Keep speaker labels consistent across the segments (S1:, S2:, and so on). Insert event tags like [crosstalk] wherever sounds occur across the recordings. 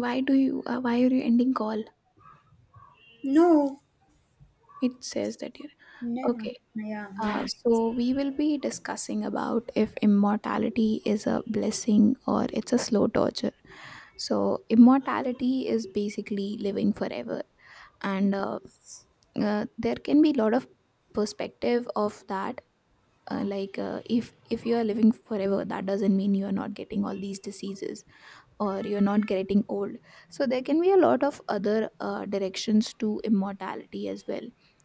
S1: Why are you ending call?
S2: No.
S1: It says that you're.
S2: Yeah.
S1: Okay.
S2: Yeah. Mm.
S1: So we will be discussing about if immortality is a blessing or it's a slow torture. So immortality is basically living forever. And there can be a lot of perspective of that. Like, if you are living forever, that doesn't mean you are not getting all these diseases, or you're not getting old. So there can be a lot of other directions to immortality as well,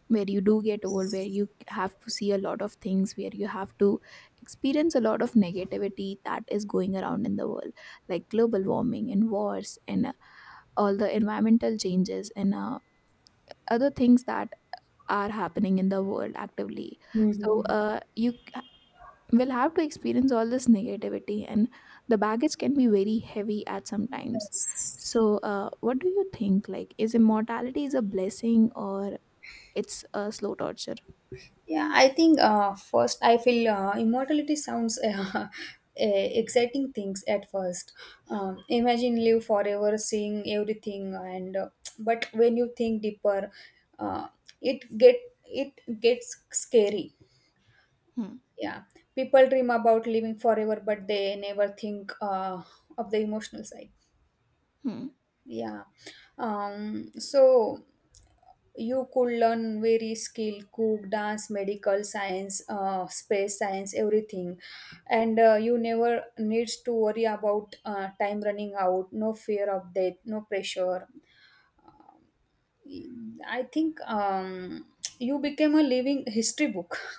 S1: where you do get old, where you have to see a lot of things, where you have to experience a lot of negativity that is going around in the world, like global warming and wars, and all the environmental changes, and other things that are happening in the world actively. So
S2: Mhm.
S1: you we will have to experience all this negativity, and the baggage can be very heavy at some times.
S2: Yes.
S1: So what do you think, like, is immortality is a blessing or it's a slow torture?
S2: Yeah, I think first I feel immortality sounds [laughs] exciting things at first. Imagine live forever, seeing everything, and but when you think deeper, uh, it get it gets scary.
S1: Hmm.
S2: Yeah, people dream about living forever, but they never think of the emotional side.
S1: Hmm.
S2: Yeah, so you could learn very skill, cook, dance, medical science, space science, everything, and you never needs to worry about time running out. No fear of death, no pressure. I think you became a living history book. [laughs]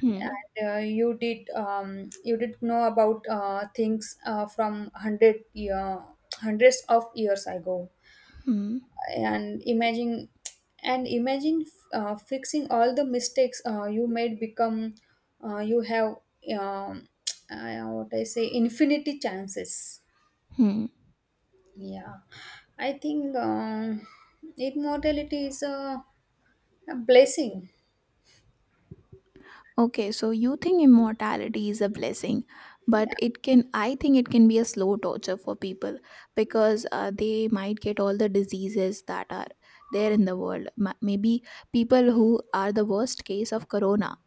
S1: Hmm.
S2: you did know about things from hundreds of years ago,
S1: Hmm.
S2: and imagine fixing all the mistakes you made become you have um, [tsk] what I say infinity chances.
S1: Hmm.
S2: Yeah, I think immortality is a blessing.
S1: Okay, so you think immortality is a blessing, but
S2: Yeah.
S1: it can I think it can be a slow torture for people, because they might get all the diseases that are there in the world. Maybe people who are the worst case of corona,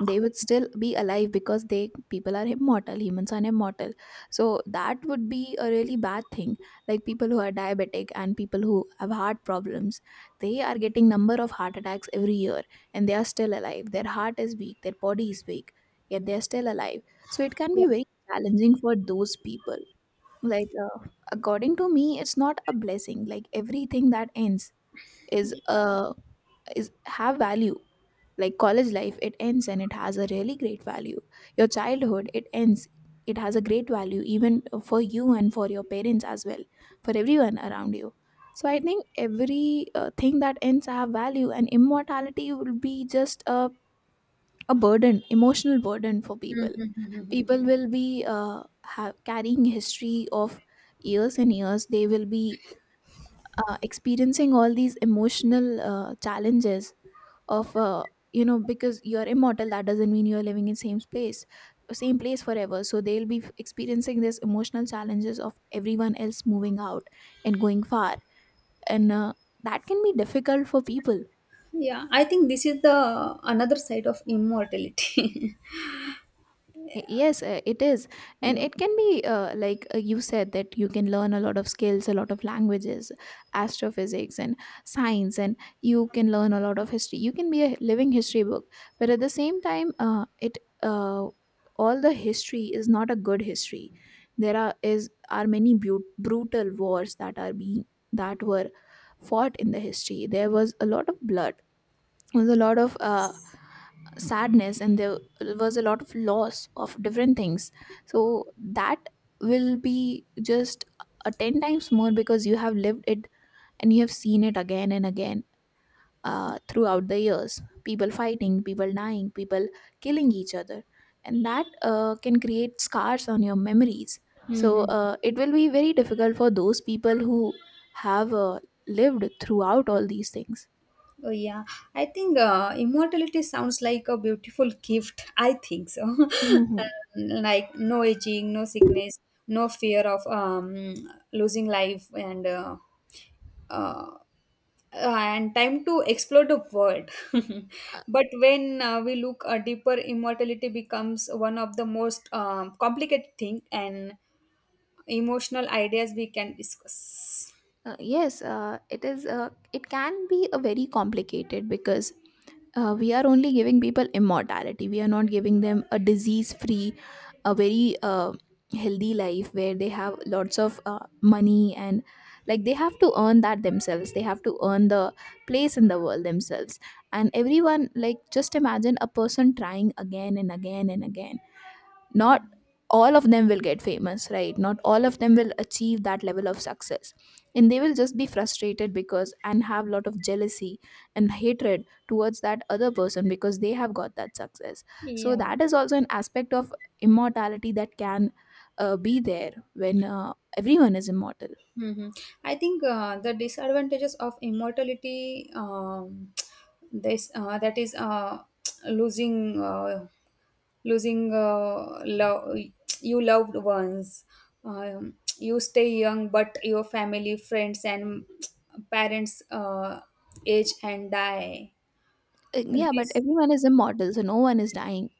S1: they would still be alive because they people are immortal, humans are immortal. So that would be a really bad thing. Like people who are diabetic and people who have heart problems, they are getting number of heart attacks every year, and they are still alive. Their heart is weak, their body is weak, yet they are still alive. So it can
S2: Yeah.
S1: be very challenging for those people. Like, according to me it's not a blessing. Like everything that ends is uh is have value. Like college life, it ends and it has a really great value. Your childhood, it ends, it has a great value, even for you and for your parents as well, for everyone around you. So I think every thing that ends have value, and immortality will be just a burden, emotional burden for people.
S2: Mhm.
S1: People will be carrying history of years and years. They will be experiencing all these emotional challenges of, because you're immortal, that doesn't mean you're living in same space, same place forever, so they'll be experiencing this emotional challenges of everyone else moving out and going far, and that can be difficult for people.
S2: [laughs] Yeah, I think this is the another side of immortality.
S1: Yes, it is. And
S2: [laughs] Yeah.
S1: it can be, like, you said, that you can learn a lot of skills, a lot of languages, astrophysics, and science, and you can learn a lot of history. You can be a living history book. But at the same time, it uh, all the history is not a good history. There are is are many brutal wars that are being that were fought in the history. There was a lot of blood. There was a lot of sadness, and there was a lot of loss of different things, so that will be just a 10 times more, because you have lived it and you have seen it again and again, throughout the years, people fighting, people dying, people killing each other. And that can create scars on your memories. So
S2: Mhm.
S1: it will be very difficult for those people who have lived throughout all these things.
S2: Oh yeah, I think immortality sounds like a beautiful gift. I think so. [laughs]
S1: Mhm.
S2: Like no aging, no sickness, no fear of losing life, and uh, uh, and time to explore the world. [laughs] But when we look deeper, immortality becomes one of the most complicated thing and emotional ideas we can discuss.
S1: Yes, it is. It can be a very complicated because we are only giving people immortality. We are not giving them a disease-free, a very healthy life where they have lots of money, and like they have to earn that themselves. They have to earn the place in the world themselves. And everyone, like, just imagine a person trying again and again and again, not all of them will get famous, right, not all of them will achieve that level of success, and they will just be frustrated, because, and have a lot of jealousy and hatred towards that other person because they have got that success. So
S2: Yeah.
S1: that is also an aspect of immortality that can be there when everyone is immortal.
S2: Hmm. I think the disadvantages of immortality, this that is [tsk] losing uh, losing love you loved ones. You stay young, but your family, friends, and [tsk] parents age and die.
S1: Yeah, but
S2: This,
S1: everyone is immortal, so no one is dying,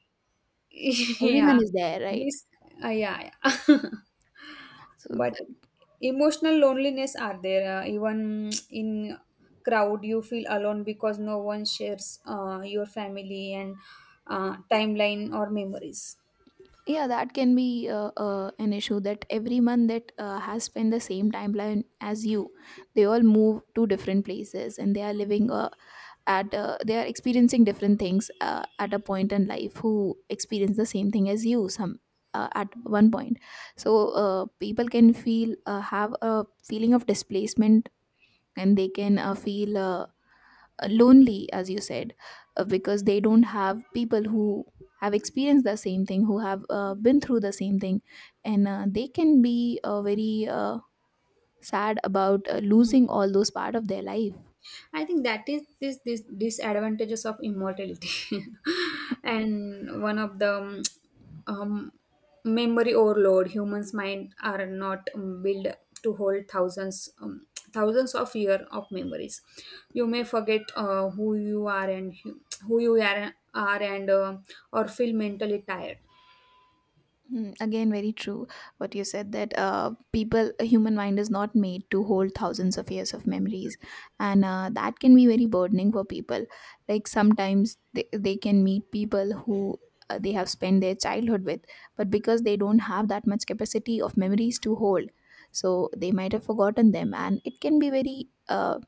S2: [laughs] yeah,
S1: everyone is there, right?
S2: this, yeah. Yeah. [laughs]
S1: So
S2: But emotional loneliness are there even [tsk] in crowd you feel alone because no one shares your family and timeline or memories.
S1: yeah, that can be an issue that everyone that has spent the same timeline as you, they all move to different places and they are living, at they are experiencing different things at a point in life, who experience the same thing as you, some at one point. So people can feel, have a feeling of displacement, and they can feel lonely, as you said, because they don't have people who have experienced the same thing, who have been through the same thing, and they can be very sad about losing all those part of their life.
S2: I think that is this disadvantages of immortality, [laughs] and one of the um, um, memory overload. Humans' mind are not built to hold thousands of year of memories. You may forget who you are and who you are and or feel mentally tired.
S1: Hmm. Again, very true. What you said, that people, a human mind is not made to hold thousands of years of memories, and that can be very burdening for people. Like sometimes they can meet people who they have spent their childhood with, but because they don't have that much capacity of memories to hold, so they might have forgotten them, and it can be very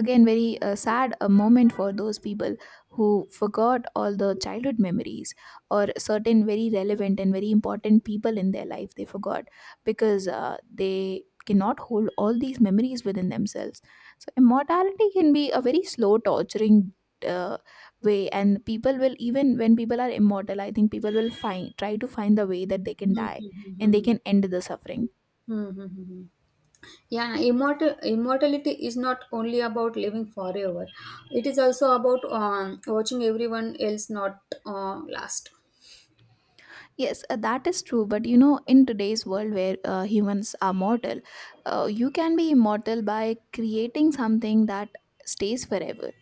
S1: again very sad a moment for those people who forgot all the childhood memories, or certain very relevant and very important people in their life they forgot, because they cannot hold all these memories within themselves. So immortality can be a very slow torturing uh, way, and people will, even when people are immortal, I think people will find try to find the way that they can
S2: Hmm,
S1: die
S2: hmm, hmm,
S1: and they
S2: hmm.
S1: can end the suffering.
S2: Hmm, hmm, hmm, hmm. Yeah, immortality is not only about living forever. It is also about watching everyone else not last.
S1: Yes, that is true. But you know, in today's world where humans are mortal, you can be immortal by creating something that stays forever.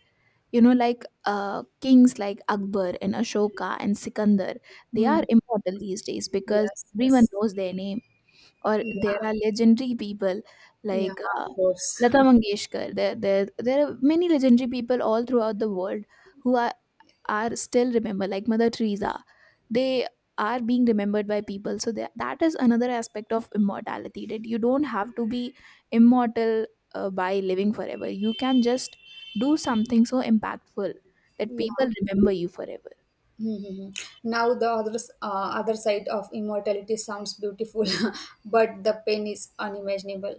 S1: You know, like kings like Akbar and Ashoka and Sikandar, they are
S2: Hmm.
S1: immortal these days because
S2: Yes,
S1: everyone
S2: yes.
S1: knows their name. Or
S2: Yeah,
S1: there are legendary people
S2: yeah,
S1: like,
S2: of course.
S1: Lata
S2: [laughs]
S1: Mangeshkar. There are many legendary people all throughout the world who are still remembered, like Mother Teresa. They are being remembered by people. So that is another aspect of immortality. That you don't have to be immortal by living forever. You can just do something so impactful that people
S2: Yeah.
S1: remember you forever.
S2: Mhm. Now the other side of immortality sounds beautiful, [laughs] but the pain is unimaginable.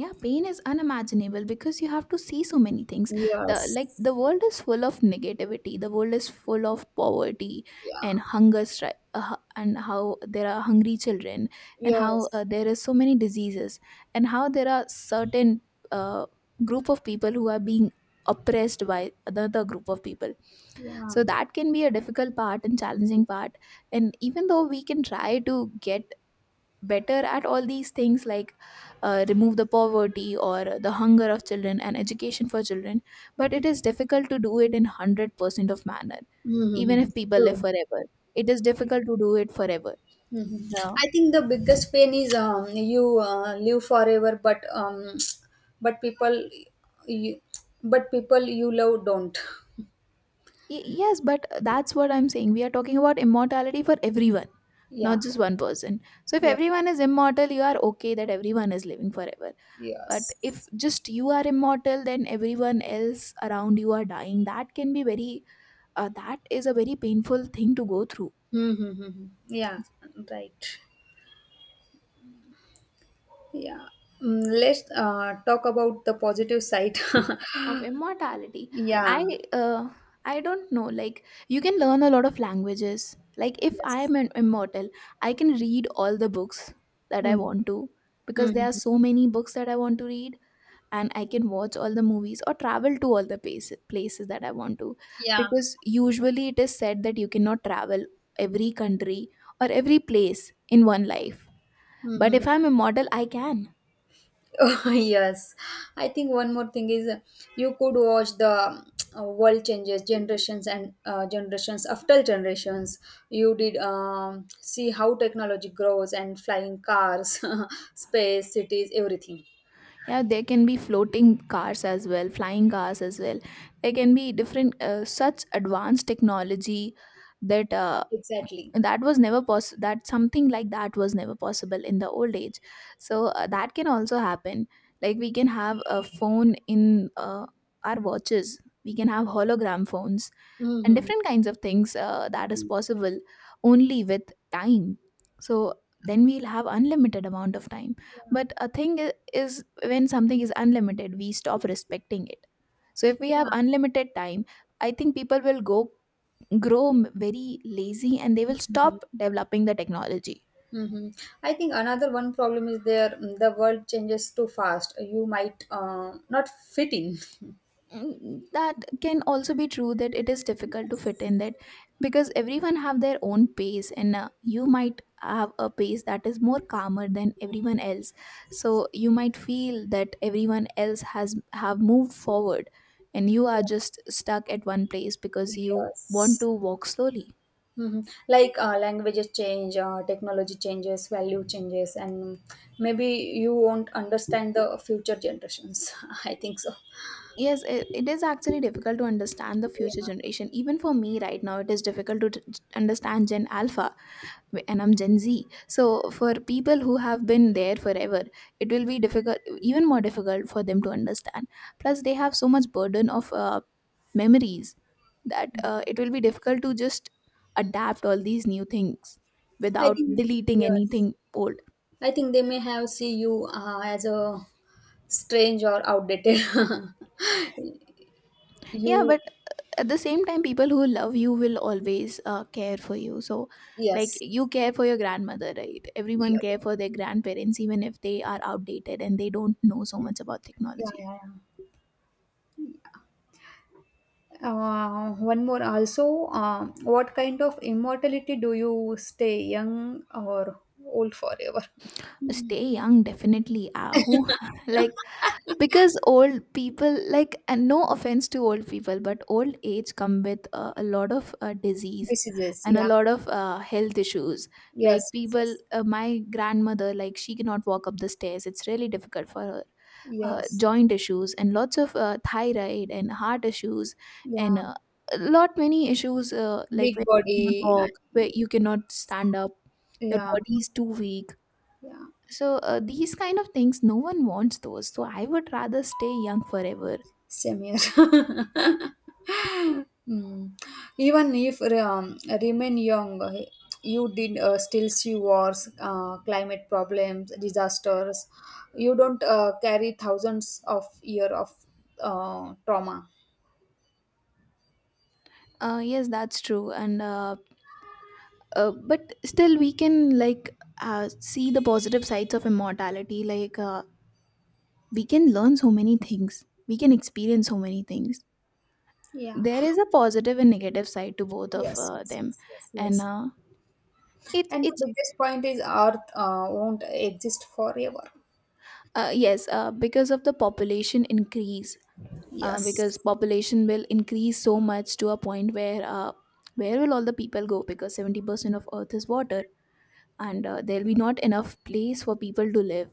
S1: Yeah, pain is unimaginable because you have to see so many things, the
S2: Yes.
S1: like the world is full of negativity, the world is full of poverty and
S2: Yeah.
S1: hunger and how there are hungry children, and how
S2: Yes.
S1: there is so many diseases, and how there are certain uh, group of people who are being oppressed by another group of people.
S2: Yeah.
S1: So that can be a difficult part and challenging part. And even though we can try to get better at all these things, like, remove the poverty or the hunger of children and education for children, but it is difficult to do it in 100% of manner,
S2: Hmm. Hmm, hmm,
S1: even
S2: hmm.
S1: if people live
S2: True.
S1: forever, it is difficult to do it forever.
S2: Mhm.
S1: Now,
S2: I think the biggest pain is you live forever, but you people you love don't.
S1: yes, but that's what I'm saying, we are talking about immortality for everyone, not
S2: Yeah.
S1: just one person. So if
S2: Yeah.
S1: everyone is immortal, you are okay that everyone is living forever. But if
S2: Yes.
S1: just you are immortal, then everyone else around you are dying, that can be very that is a very painful thing to go through.
S2: Mm-hmm. Yeah. Right. Yeah. Mm, let's talk about the positive side.
S1: Of immortality.
S2: [laughs]
S1: i
S2: Yeah.
S1: uh, i don't know, like you can learn a lot of languages. Like if I
S2: Yes.
S1: am an immortal, I can read all the books that I
S2: Mm-hmm.
S1: want to, because there are
S2: Mm-hmm.
S1: so many books that I want to read. And I can watch all the movies or travel to all the places that I want to,
S2: Yeah.
S1: because usually it is said that you cannot travel every country or every place in one life. But
S2: Mm-hmm.
S1: if I'm immortal I can.
S2: Oh, [laughs] yes, I think one more thing is you could watch the world changes generations and generations after generations. You did see how technology grows and flying cars, [laughs] space, cities, everything.
S1: Yeah, there can be floating cars as well, flying cars as well. There can be different such advanced technology that
S2: Exactly.
S1: that was never poss that something like that was never possible in the old age. So that can also happen. Like we can have a phone in, our watches, we can have hologram phones and
S2: Hmm.
S1: different kinds of things that is possible only with time. So then we'll have unlimited amount of time. But a thing is, when something is unlimited we stop respecting it. So if we have
S2: Yeah.
S1: unlimited time, I think people will go grow very lazy, and they will
S2: Mhm.
S1: stop developing the technology.
S2: Mm-hmm. I think another one problem is there, the world changes too fast. You might not fit in. [laughs]
S1: Mm, that can also be true that it is difficult to fit in that because everyone have their own pace and you might have a pace that is more calmer than everyone else, so you might feel that everyone else has have moved forward and you are just stuck at one place because you want
S2: Yes.
S1: to walk slowly.
S2: Mhm. Like languages change, technology changes, value changes, and maybe you won't understand the future generations. [laughs] I think so.
S1: Yes, it is actually difficult to understand the future
S2: Yeah.
S1: generation. Even for me right now, it is difficult to understand Gen Alpha and I'm Gen Z. So, for people who have been there forever, it will be difficult, even more difficult for them to understand. Plus, they have so much burden of memories that it will be difficult to just adapt all these new things
S2: I
S1: without
S2: think
S1: deleting
S2: yes.
S1: anything old.
S2: I think they may have see you as a strange or outdated. [laughs]
S1: Yeah,
S2: you
S1: but at the same time people who love you will always care for you, so like
S2: Yes.
S1: you care for your grandmother, right?
S2: Yeah.
S1: Everyone care for their grandparents even if they are outdated and they don't know so much about
S2: Yeah.
S1: technology.
S2: Yeah. Yeah. One more also. What kind of immortality do you stay young or old forever?
S1: Stay young, definitely. Ah, who [laughs] like, because old people like, and no offense to old people, but old age come with a lot of disease
S2: Diseases,
S1: and a
S2: yeah.
S1: lot of health issues. Like
S2: Yes, yes,
S1: people,
S2: yes.
S1: my grandmother, like she cannot walk up the stairs, it's really difficult for her.
S2: Yes.
S1: Joint issues and lots of thyroid and heart issues, and
S2: Yeah.
S1: a lot many issues, like
S2: Big
S1: where you cannot
S2: body.
S1: walk, where
S2: I-
S1: you cannot stand up, your
S2: Yeah,
S1: body is too weak.
S2: yeah.
S1: So these kind of things no one wants those, so I would rather stay young forever.
S2: Same here. [laughs] Hmm. Even if remain young, you did still see wars, climate problems, disasters. You don't carry thousands of year of trauma.
S1: Yes, that's true. And but still we can like see the positive sides of immortality, like we can learn so many things, we can experience so many things.
S2: Yeah.
S1: There is a positive and negative side to both of
S2: Yes, yes,
S1: them.
S2: yes, yes,
S1: And
S2: yes. And
S1: it's
S2: the biggest point is Earth won't exist forever.
S1: yes, because of the population increase,
S2: Yes.
S1: because population will increase so much to a point where will all the people go, because 70% of earth is water and there'll be not enough place for people to live.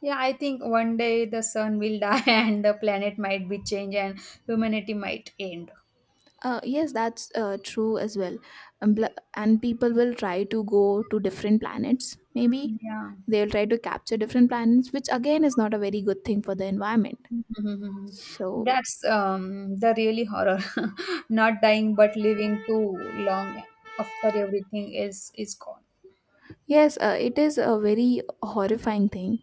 S2: Yeah, I think one day the sun will die [laughs] and the planet might be changed and humanity might end.
S1: Yes, that's true as well. And,
S2: Yeah.
S1: and people will try to go to different planets, maybe
S2: Yeah. [laughs]
S1: they'll try to capture different planets, which again is not a very good thing for the environment.
S2: Mhm.
S1: So
S2: That's the really horror. [laughs] Not dying but living too long after everything else is gone.
S1: yes, it is a very horrifying thing.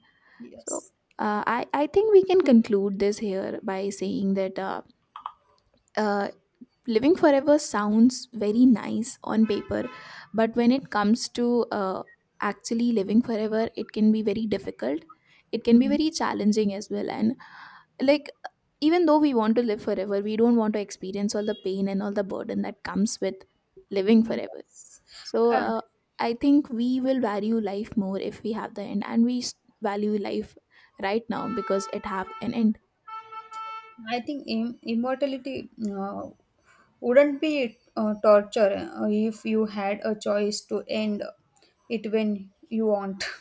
S1: So
S2: Yes.
S1: I think we can conclude this here by saying that uh, living forever sounds very nice on paper, but when it comes to actually living forever, it can be very difficult. It
S2: [laughs]
S1: can be
S2: Mhm.
S1: very challenging as well, and like even though we want to live forever, we don't want to experience all the pain and all the burden that comes with living forever.
S2: Yes.
S1: So
S2: Uh,
S1: I think we will value life more if we have the end, and we value life right now because it have an end.
S2: I think immortality wouldn't be torture if you had a choice to end it when you want. [laughs]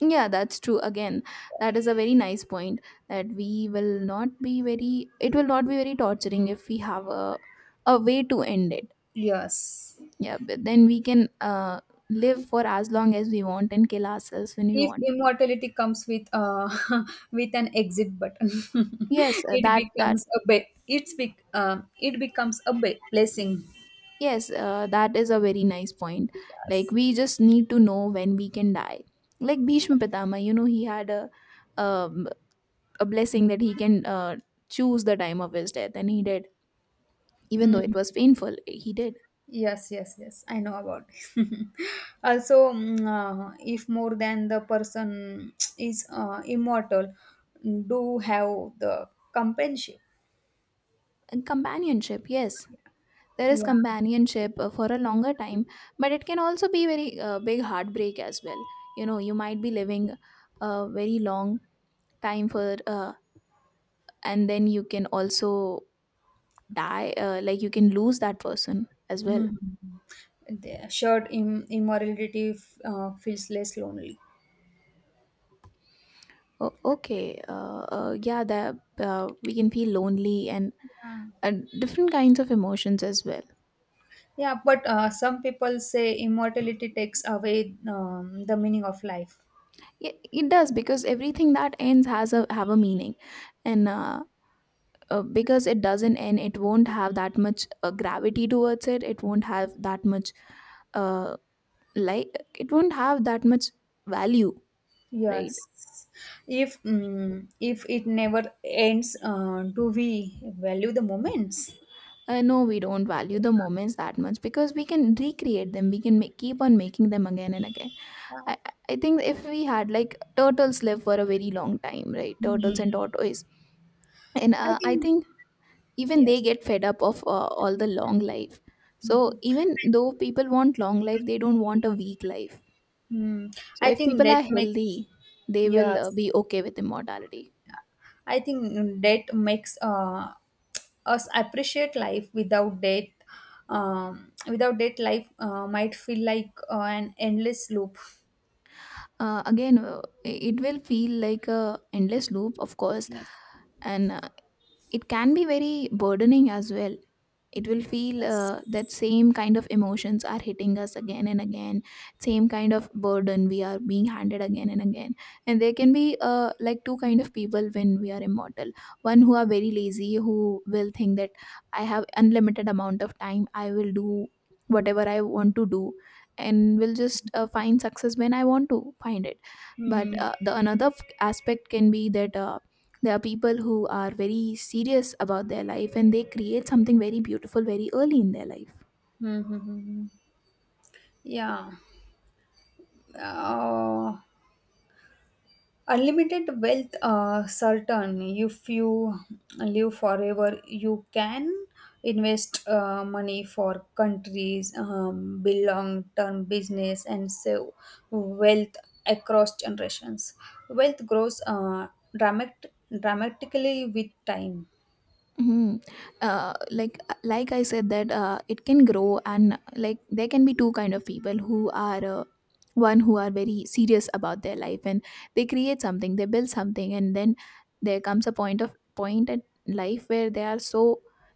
S1: Yeah, that's true. Again, that is a very nice point that we will not be very. It will not be very torturing if we have a way to end it.
S2: Yes.
S1: Yeah, but then we can live for as long as we want and kill ourselves when we
S2: If
S1: want.
S2: immortality comes with [laughs] with an exit button,
S1: Yes,
S2: [laughs]
S1: that that
S2: it becomes a blessing.
S1: yes, that is a very nice point. Like
S2: Yes.
S1: we just need to know when we can die. Like Bhishma Pitama, you know, he had um, a blessing that he can choose the time of his death, and he did. Even though
S2: Hmm.
S1: it was painful, he did.
S2: Yes, yes, yes. I know about it. [laughs] Also, if more than the person [tsk] is immortal, do have the companionship.
S1: And companionship, yes, there is
S2: Yeah.
S1: companionship for a longer time, but it can also be very big heartbreak as well. You know, you might be living a very long time for, and then you can also die, like you can lose that person as well.
S2: Mhm. The shared immorality feels less lonely.
S1: Oh, okay, yeah, that we can feel lonely and
S2: Yeah.
S1: uh, different kinds of emotions as well.
S2: Yeah, but some people say immortality takes away the meaning of life.
S1: Yeah, it does, because everything that ends has a have a meaning, and because it doesn't end, it won't have that much gravity towards it, it won't have that much, uh, like it won't have that much value, right?
S2: Yes. If it never ends, do we value the moments?
S1: No, we don't value the moments that much because we can recreate them, we can make, keep on making them again and again. I, I think if we had, like, turtles live for a very long time, right? Turtles and
S2: Mhm.
S1: tortoise, and
S2: I
S1: I
S2: think.
S1: think even they
S2: Yes.
S1: get fed up of all the long life. So
S2: Mhm.
S1: even though people want long life, they don't want a weak life.
S2: Hmm.
S1: So
S2: I
S1: if
S2: think
S1: people
S2: that
S1: are
S2: makes
S1: healthy, they will
S2: Yes.
S1: be okay with immortality.
S2: I think that makes us appreciate life without that. Without that, life might feel like an endless loop.
S1: Again, it will feel like a endless loop, of course,
S2: Yes.
S1: and it can be very burdening as well. It will feel that same kind of emotions are hitting us again and again, same kind of burden we are being handed again and again. And there can be, like, two kind of people when we are immortal. One who are very lazy, who will think that I have unlimited amount of time, I will do whatever I want to do, and will just find success when I want to find it. But
S2: Mm-hmm.
S1: the another aspect can be that there are people who are very serious about their life and they create something very beautiful very early in their life.
S2: Mm-hmm. Yeah. Uh, unlimited wealth certain if you live forever you can invest money for countries, build long term business and save wealth across generations. Wealth grows dramatic, dramatically with time.
S1: Hmm. Uh, like, I said that it can grow, and like there can be two kind of people who are, one who are very serious about their life and they create something, they build something, and then there comes a point at life where they are so,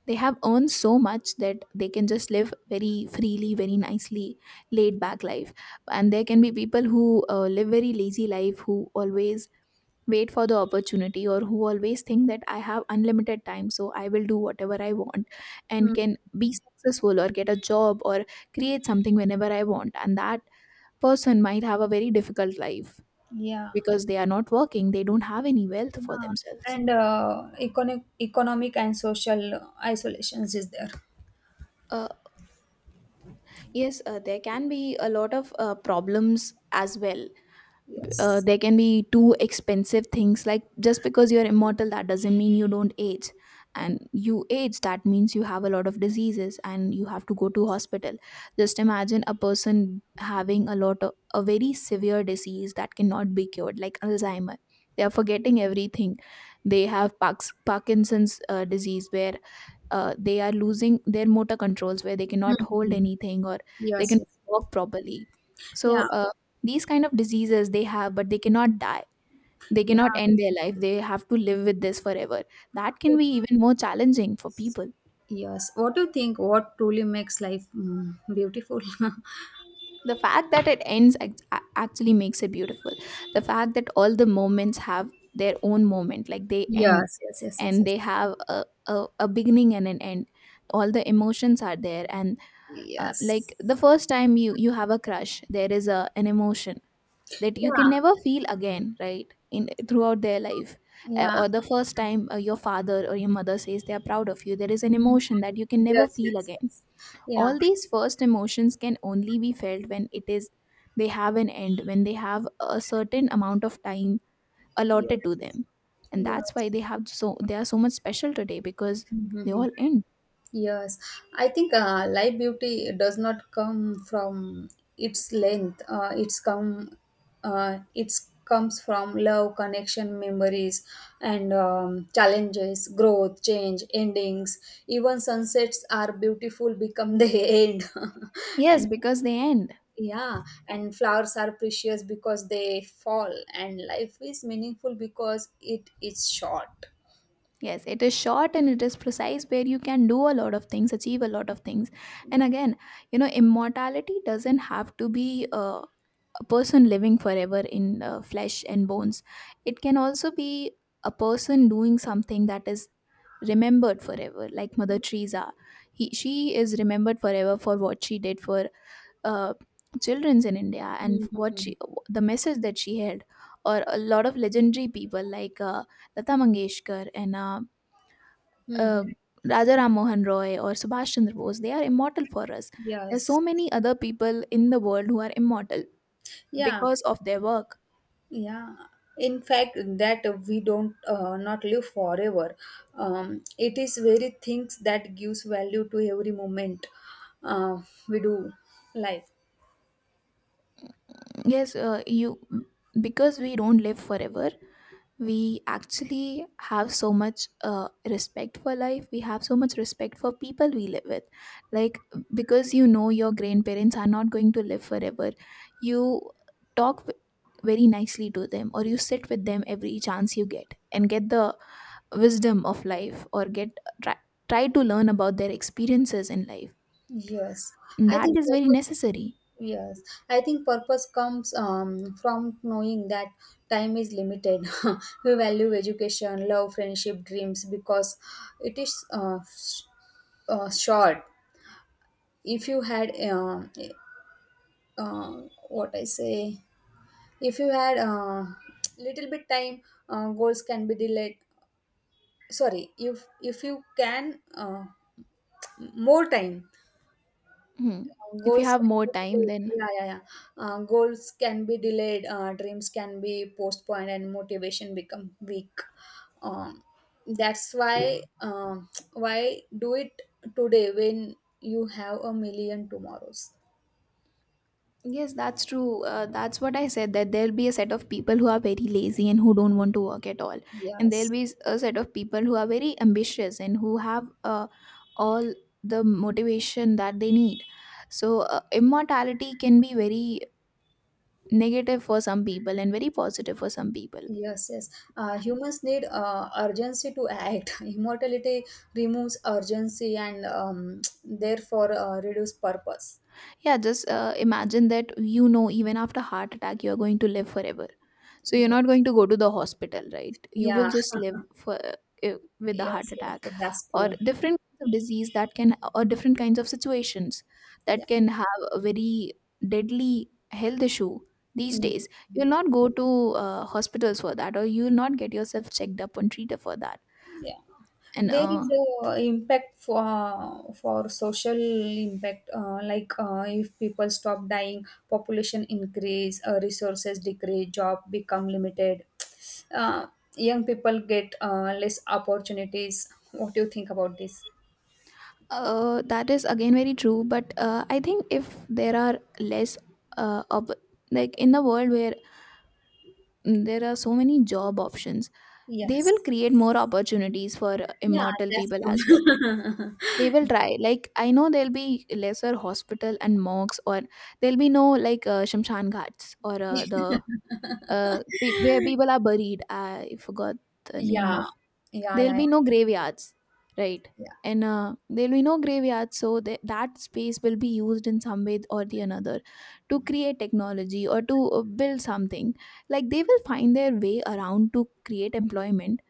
S1: they have earned so much that they can just live very freely, very nicely, laid back life. And there can be people who live very lazy life, who always wait for the opportunity, or who always think that I have unlimited time, so I will do whatever I want and
S2: Hmm.
S1: can be successful or get a job or create something whenever I want. And that person might have a very difficult life
S2: Yeah.
S1: because they are not working, they don't have any wealth for
S2: Yeah.
S1: themselves.
S2: And economic and social isolations is there.
S1: Uh, yes, there can be a lot of problems as well.
S2: Yes.
S1: There can be too expensive things, like just because you're immortal, that doesn't mean you don't age. And you age, that means you have a lot of diseases and you have to go to hospital. Just imagine a person having a lot of a very severe disease that cannot be cured, like Alzheimer. They are forgetting everything. They have Parkinson's disease where they are losing their motor controls, where they cannot hold
S2: Mhm.
S1: anything or they
S2: Yes,
S1: can
S2: yes.
S1: walk properly. So
S2: Yeah,
S1: these kind of diseases they have, but they cannot die, they
S2: yeah.
S1: cannot end their life, they have to live with this forever. That can be even more challenging for people.
S2: Yes. What do you think? What truly makes life beautiful? [laughs]
S1: The fact that it ends, actually makes it beautiful. The fact that all the moments have their own moment, like they end,
S2: Yes, yes, yes, yes,
S1: and
S2: yes.
S1: they have a beginning and an end. All the emotions are there, and
S2: Yes.
S1: like the first time you have a crush, there is a an emotion that
S2: Yeah.
S1: you can never feel again, right, in throughout their life.
S2: Yeah.
S1: Or the first time your father or your mother says they are proud of you, there is an
S2: Mhm.
S1: emotion that you can never
S2: Yes,
S1: feel
S2: yes,
S1: again.
S2: yes. Yeah.
S1: All these first emotions can only be felt when it is they have an end, when they have a certain amount of time
S2: Yes.
S1: allotted to them. And that's
S2: Yes.
S1: why they have so, they are so much special today because they
S2: Hmm.
S1: all end.
S2: Yes, I think live beauty does not come from its length. It's comes from love, connection, memories, and challenges, growth, change, endings. Even sunsets are beautiful, become the [laughs] end,
S1: Yes,
S2: and
S1: because they end.
S2: yeah, and flowers are precious because they fall, and life is meaningful because it is short.
S1: Yes, it is short and it is precise where you can do a lot of things, achieve a lot of things. And again, you know, immortality doesn't have to be a person living forever in flesh and bones. It can also be a person doing something that is remembered forever, like Mother Teresa. She is remembered forever for what she did for uh, children's in India, and what
S2: Mhm.
S1: she, the message that she had, or a lot of legendary people like Lata Mangeshkar and uh,
S2: Mhm.
S1: Raja Ram Mohan Roy or Subhash Chandra Bose, they are immortal for us. There are
S2: Yes.
S1: so many other people in the world who are immortal
S2: Yeah.
S1: because of their work.
S2: Yeah, in fact, that we don't not live forever. It is very things that gives value to every moment uh, we do life.
S1: Yes, you because we don't live forever, we actually have so much respect for life. We have so much respect for people we live with. Like because you know your grandparents are not going to live forever, you talk v- very nicely to them, or you sit with them every chance you get and get the wisdom of life or get try, try to learn about their experiences in life,
S2: Yes,
S1: and
S2: I
S1: that
S2: think
S1: is very
S2: purpose.
S1: necessary.
S2: Yes, I think purpose comes from knowing that time is limited. [laughs] We value education, love, friendship, dreams because it is short. If you had uh, what I say if you had little bit time, goals can be delayed. Sorry, if you can more time,
S1: Hmm. If you
S2: goals
S1: have
S2: can
S1: more
S2: be
S1: time
S2: delayed.
S1: then
S2: Yeah, yeah, yeah, goals can be delayed, dreams can be postponed, and motivation become weak. Um, that's why do it today when you have a million tomorrows?
S1: yes, that's true. That's what I said, that there'll be a set of people who are very lazy and who don't want to work at all, and there'll
S2: Yes.
S1: be a set of people who are very ambitious and who have all the motivation that they need. So immortality can be very negative for some people and very positive for some people.
S2: Yes, yes. Humans need urgency to act. [laughs] Immortality removes urgency and [tsk] therefore reduce purpose.
S1: Yeah, just imagine that, you know, even after heart attack you are going to live forever, so you're
S2: Yeah,
S1: not going to go to the hospital, right? You
S2: yeah,
S1: will just live for with the heart
S2: yes,
S1: attack,
S2: yes. That's
S1: or
S2: true.
S1: different kinds of disease that can, or different kinds of situations
S2: Yeah.
S1: that can have a very deadly health issue these
S2: Mm,
S1: days. You'll not go to hospitals for that, or you'll not get yourself checked up and treated for that.
S2: yeah.
S1: And
S2: There is a impact for social impact. Like if people stop dying, population increase, resources decrease, job become limited. [tsk] Uh, young people get less opportunities. What do you think about this?
S1: That is again very true, but I think if there are less of, like, in the world where, mm, there are so many job options, they will
S2: Yes.
S1: create more opportunities for
S2: Yeah,
S1: immortal
S2: that's
S1: people as well.
S2: true.
S1: They will try.
S2: [laughs]
S1: Like I know there'll be lesser hospital and mocks, or there'll be no, like, shamshan ghats, or
S2: Yeah.
S1: the
S2: [laughs]
S1: where people are buried. I forgot the name
S2: Yeah,
S1: of.
S2: yeah,
S1: There'll
S2: yeah. Yeah.
S1: be no graveyards, right?
S2: Yeah.
S1: And there'll be no graveyards, so that space will be used in some way or the another to create technology or to build something. Like, they will find their way around to create employment,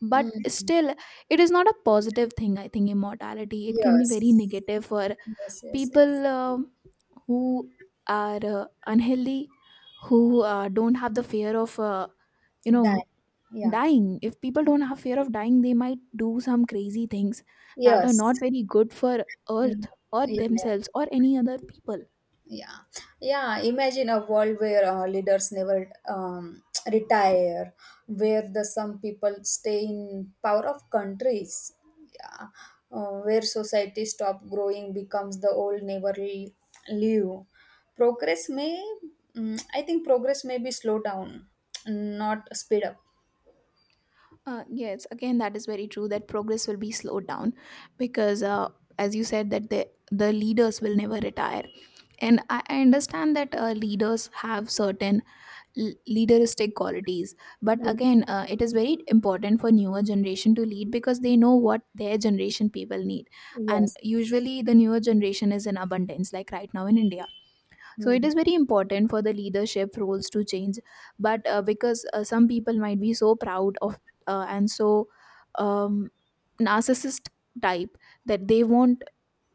S1: but
S2: Mm.
S1: still it is not a positive thing. I think immortality, it can be very
S2: Yes.
S1: negative for
S2: Yes, yes, yes.
S1: people who are unhealthy, who don't have the fear of you know
S2: That. Yeah.
S1: dying. If people
S2: Yeah.
S1: don't have fear of dying, they might do some crazy things that are
S2: Yes.
S1: not very good for earth
S2: Mm.
S1: or
S2: Yeah, yeah.
S1: themselves or any other people.
S2: Yeah, yeah. Imagine a world where leaders never [tsk] retire, where the some people stay in power of countries. Yeah, where society stop growing becomes the old never leave. Progress may, I think, progress may be slow down, not speed up.
S1: Yes, again, that is very true that progress will be slowed down, because as you said, that the leaders will never retire. I understand that leaders have certain leaderistic qualities, but
S2: Yes,
S1: again, it is very important for newer generation to lead, because they know what their generation people need, and
S2: yes.
S1: usually the newer generation is in abundance, like right now in India. So it
S2: Hmm.
S1: is very important for the leadership roles to change. But because some people might be so proud of and so um, narcissist type that they won't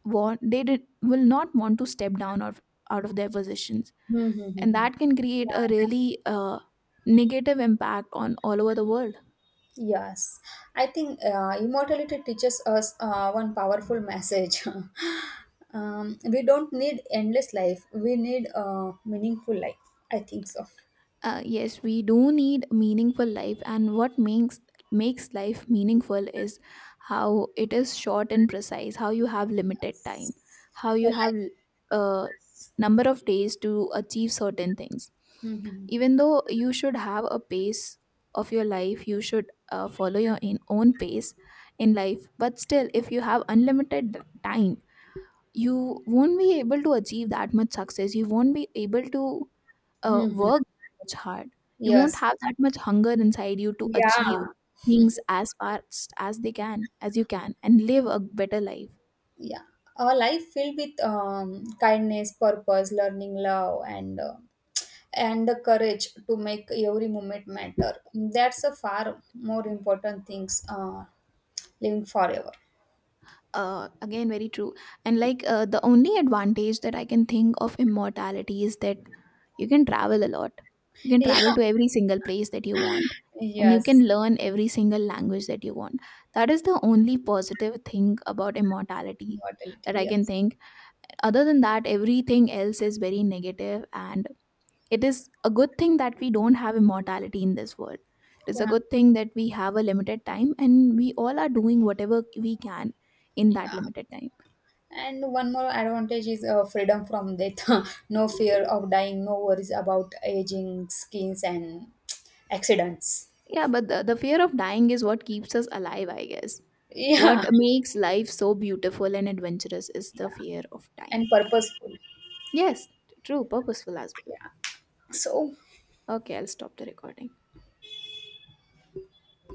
S1: want, will not want to step down or out of their positions,
S2: Hmm. Hmm.
S1: and
S2: Hmm.
S1: that can create
S2: Yeah,
S1: a
S2: that's.
S1: really negative impact on all over the world.
S2: Yes, I think immortality teaches us one powerful message. [laughs] We don't need endless life. We need a meaningful life. I think so.
S1: Yes, we do need meaningful life, and what makes makes life meaningful is how it is short and precise, how you have limited time, how you
S2: Well,
S1: have
S2: I-
S1: a number of days to achieve certain things.
S2: Mhm.
S1: Even though you should have a pace of your life, you should follow your own pace in life, but still, if you have unlimited time, you won't be able to achieve that much success, you won't be able to
S2: Mhm.
S1: work much hard, you won't
S2: Yes.
S1: have that much hunger inside you to achieve
S2: Yeah.
S1: things as fast as they can, as you can, and live a better life.
S2: Yeah. A life filled with kindness, purpose, learning, love, and and the courage to make every moment matter. That's a far more important things. Living forever.
S1: Again, very true. And like, the only advantage that I can think of immortality is that you can travel a lot. You can travel
S2: [laughs]
S1: to every single place that you want, and you can
S2: Yes,
S1: learn every single language that you want. That is the only positive thing about immortality
S2: mortality.
S1: that I can
S2: Yes.
S1: think. Other than that, everything else is very negative, and it is a good thing that we don't have immortality in this world. It is a
S2: Yeah.
S1: good thing that we have a limited time and we all are doing whatever we can in that
S2: Yeah.
S1: limited time.
S2: And one more advantage is freedom from death. [laughs] No fear of dying, no worries about aging, skins, and [tsk] accidents. [laughs]
S1: Yeah, but the fear of dying is what keeps us alive, I guess. What
S2: Yeah.
S1: makes life so beautiful and adventurous is the
S2: Yeah.
S1: fear of dying,
S2: And purposeful.
S1: actually. Yes, true, purposeful as well.
S2: Yeah. So
S1: Okay, I'll stop the recording.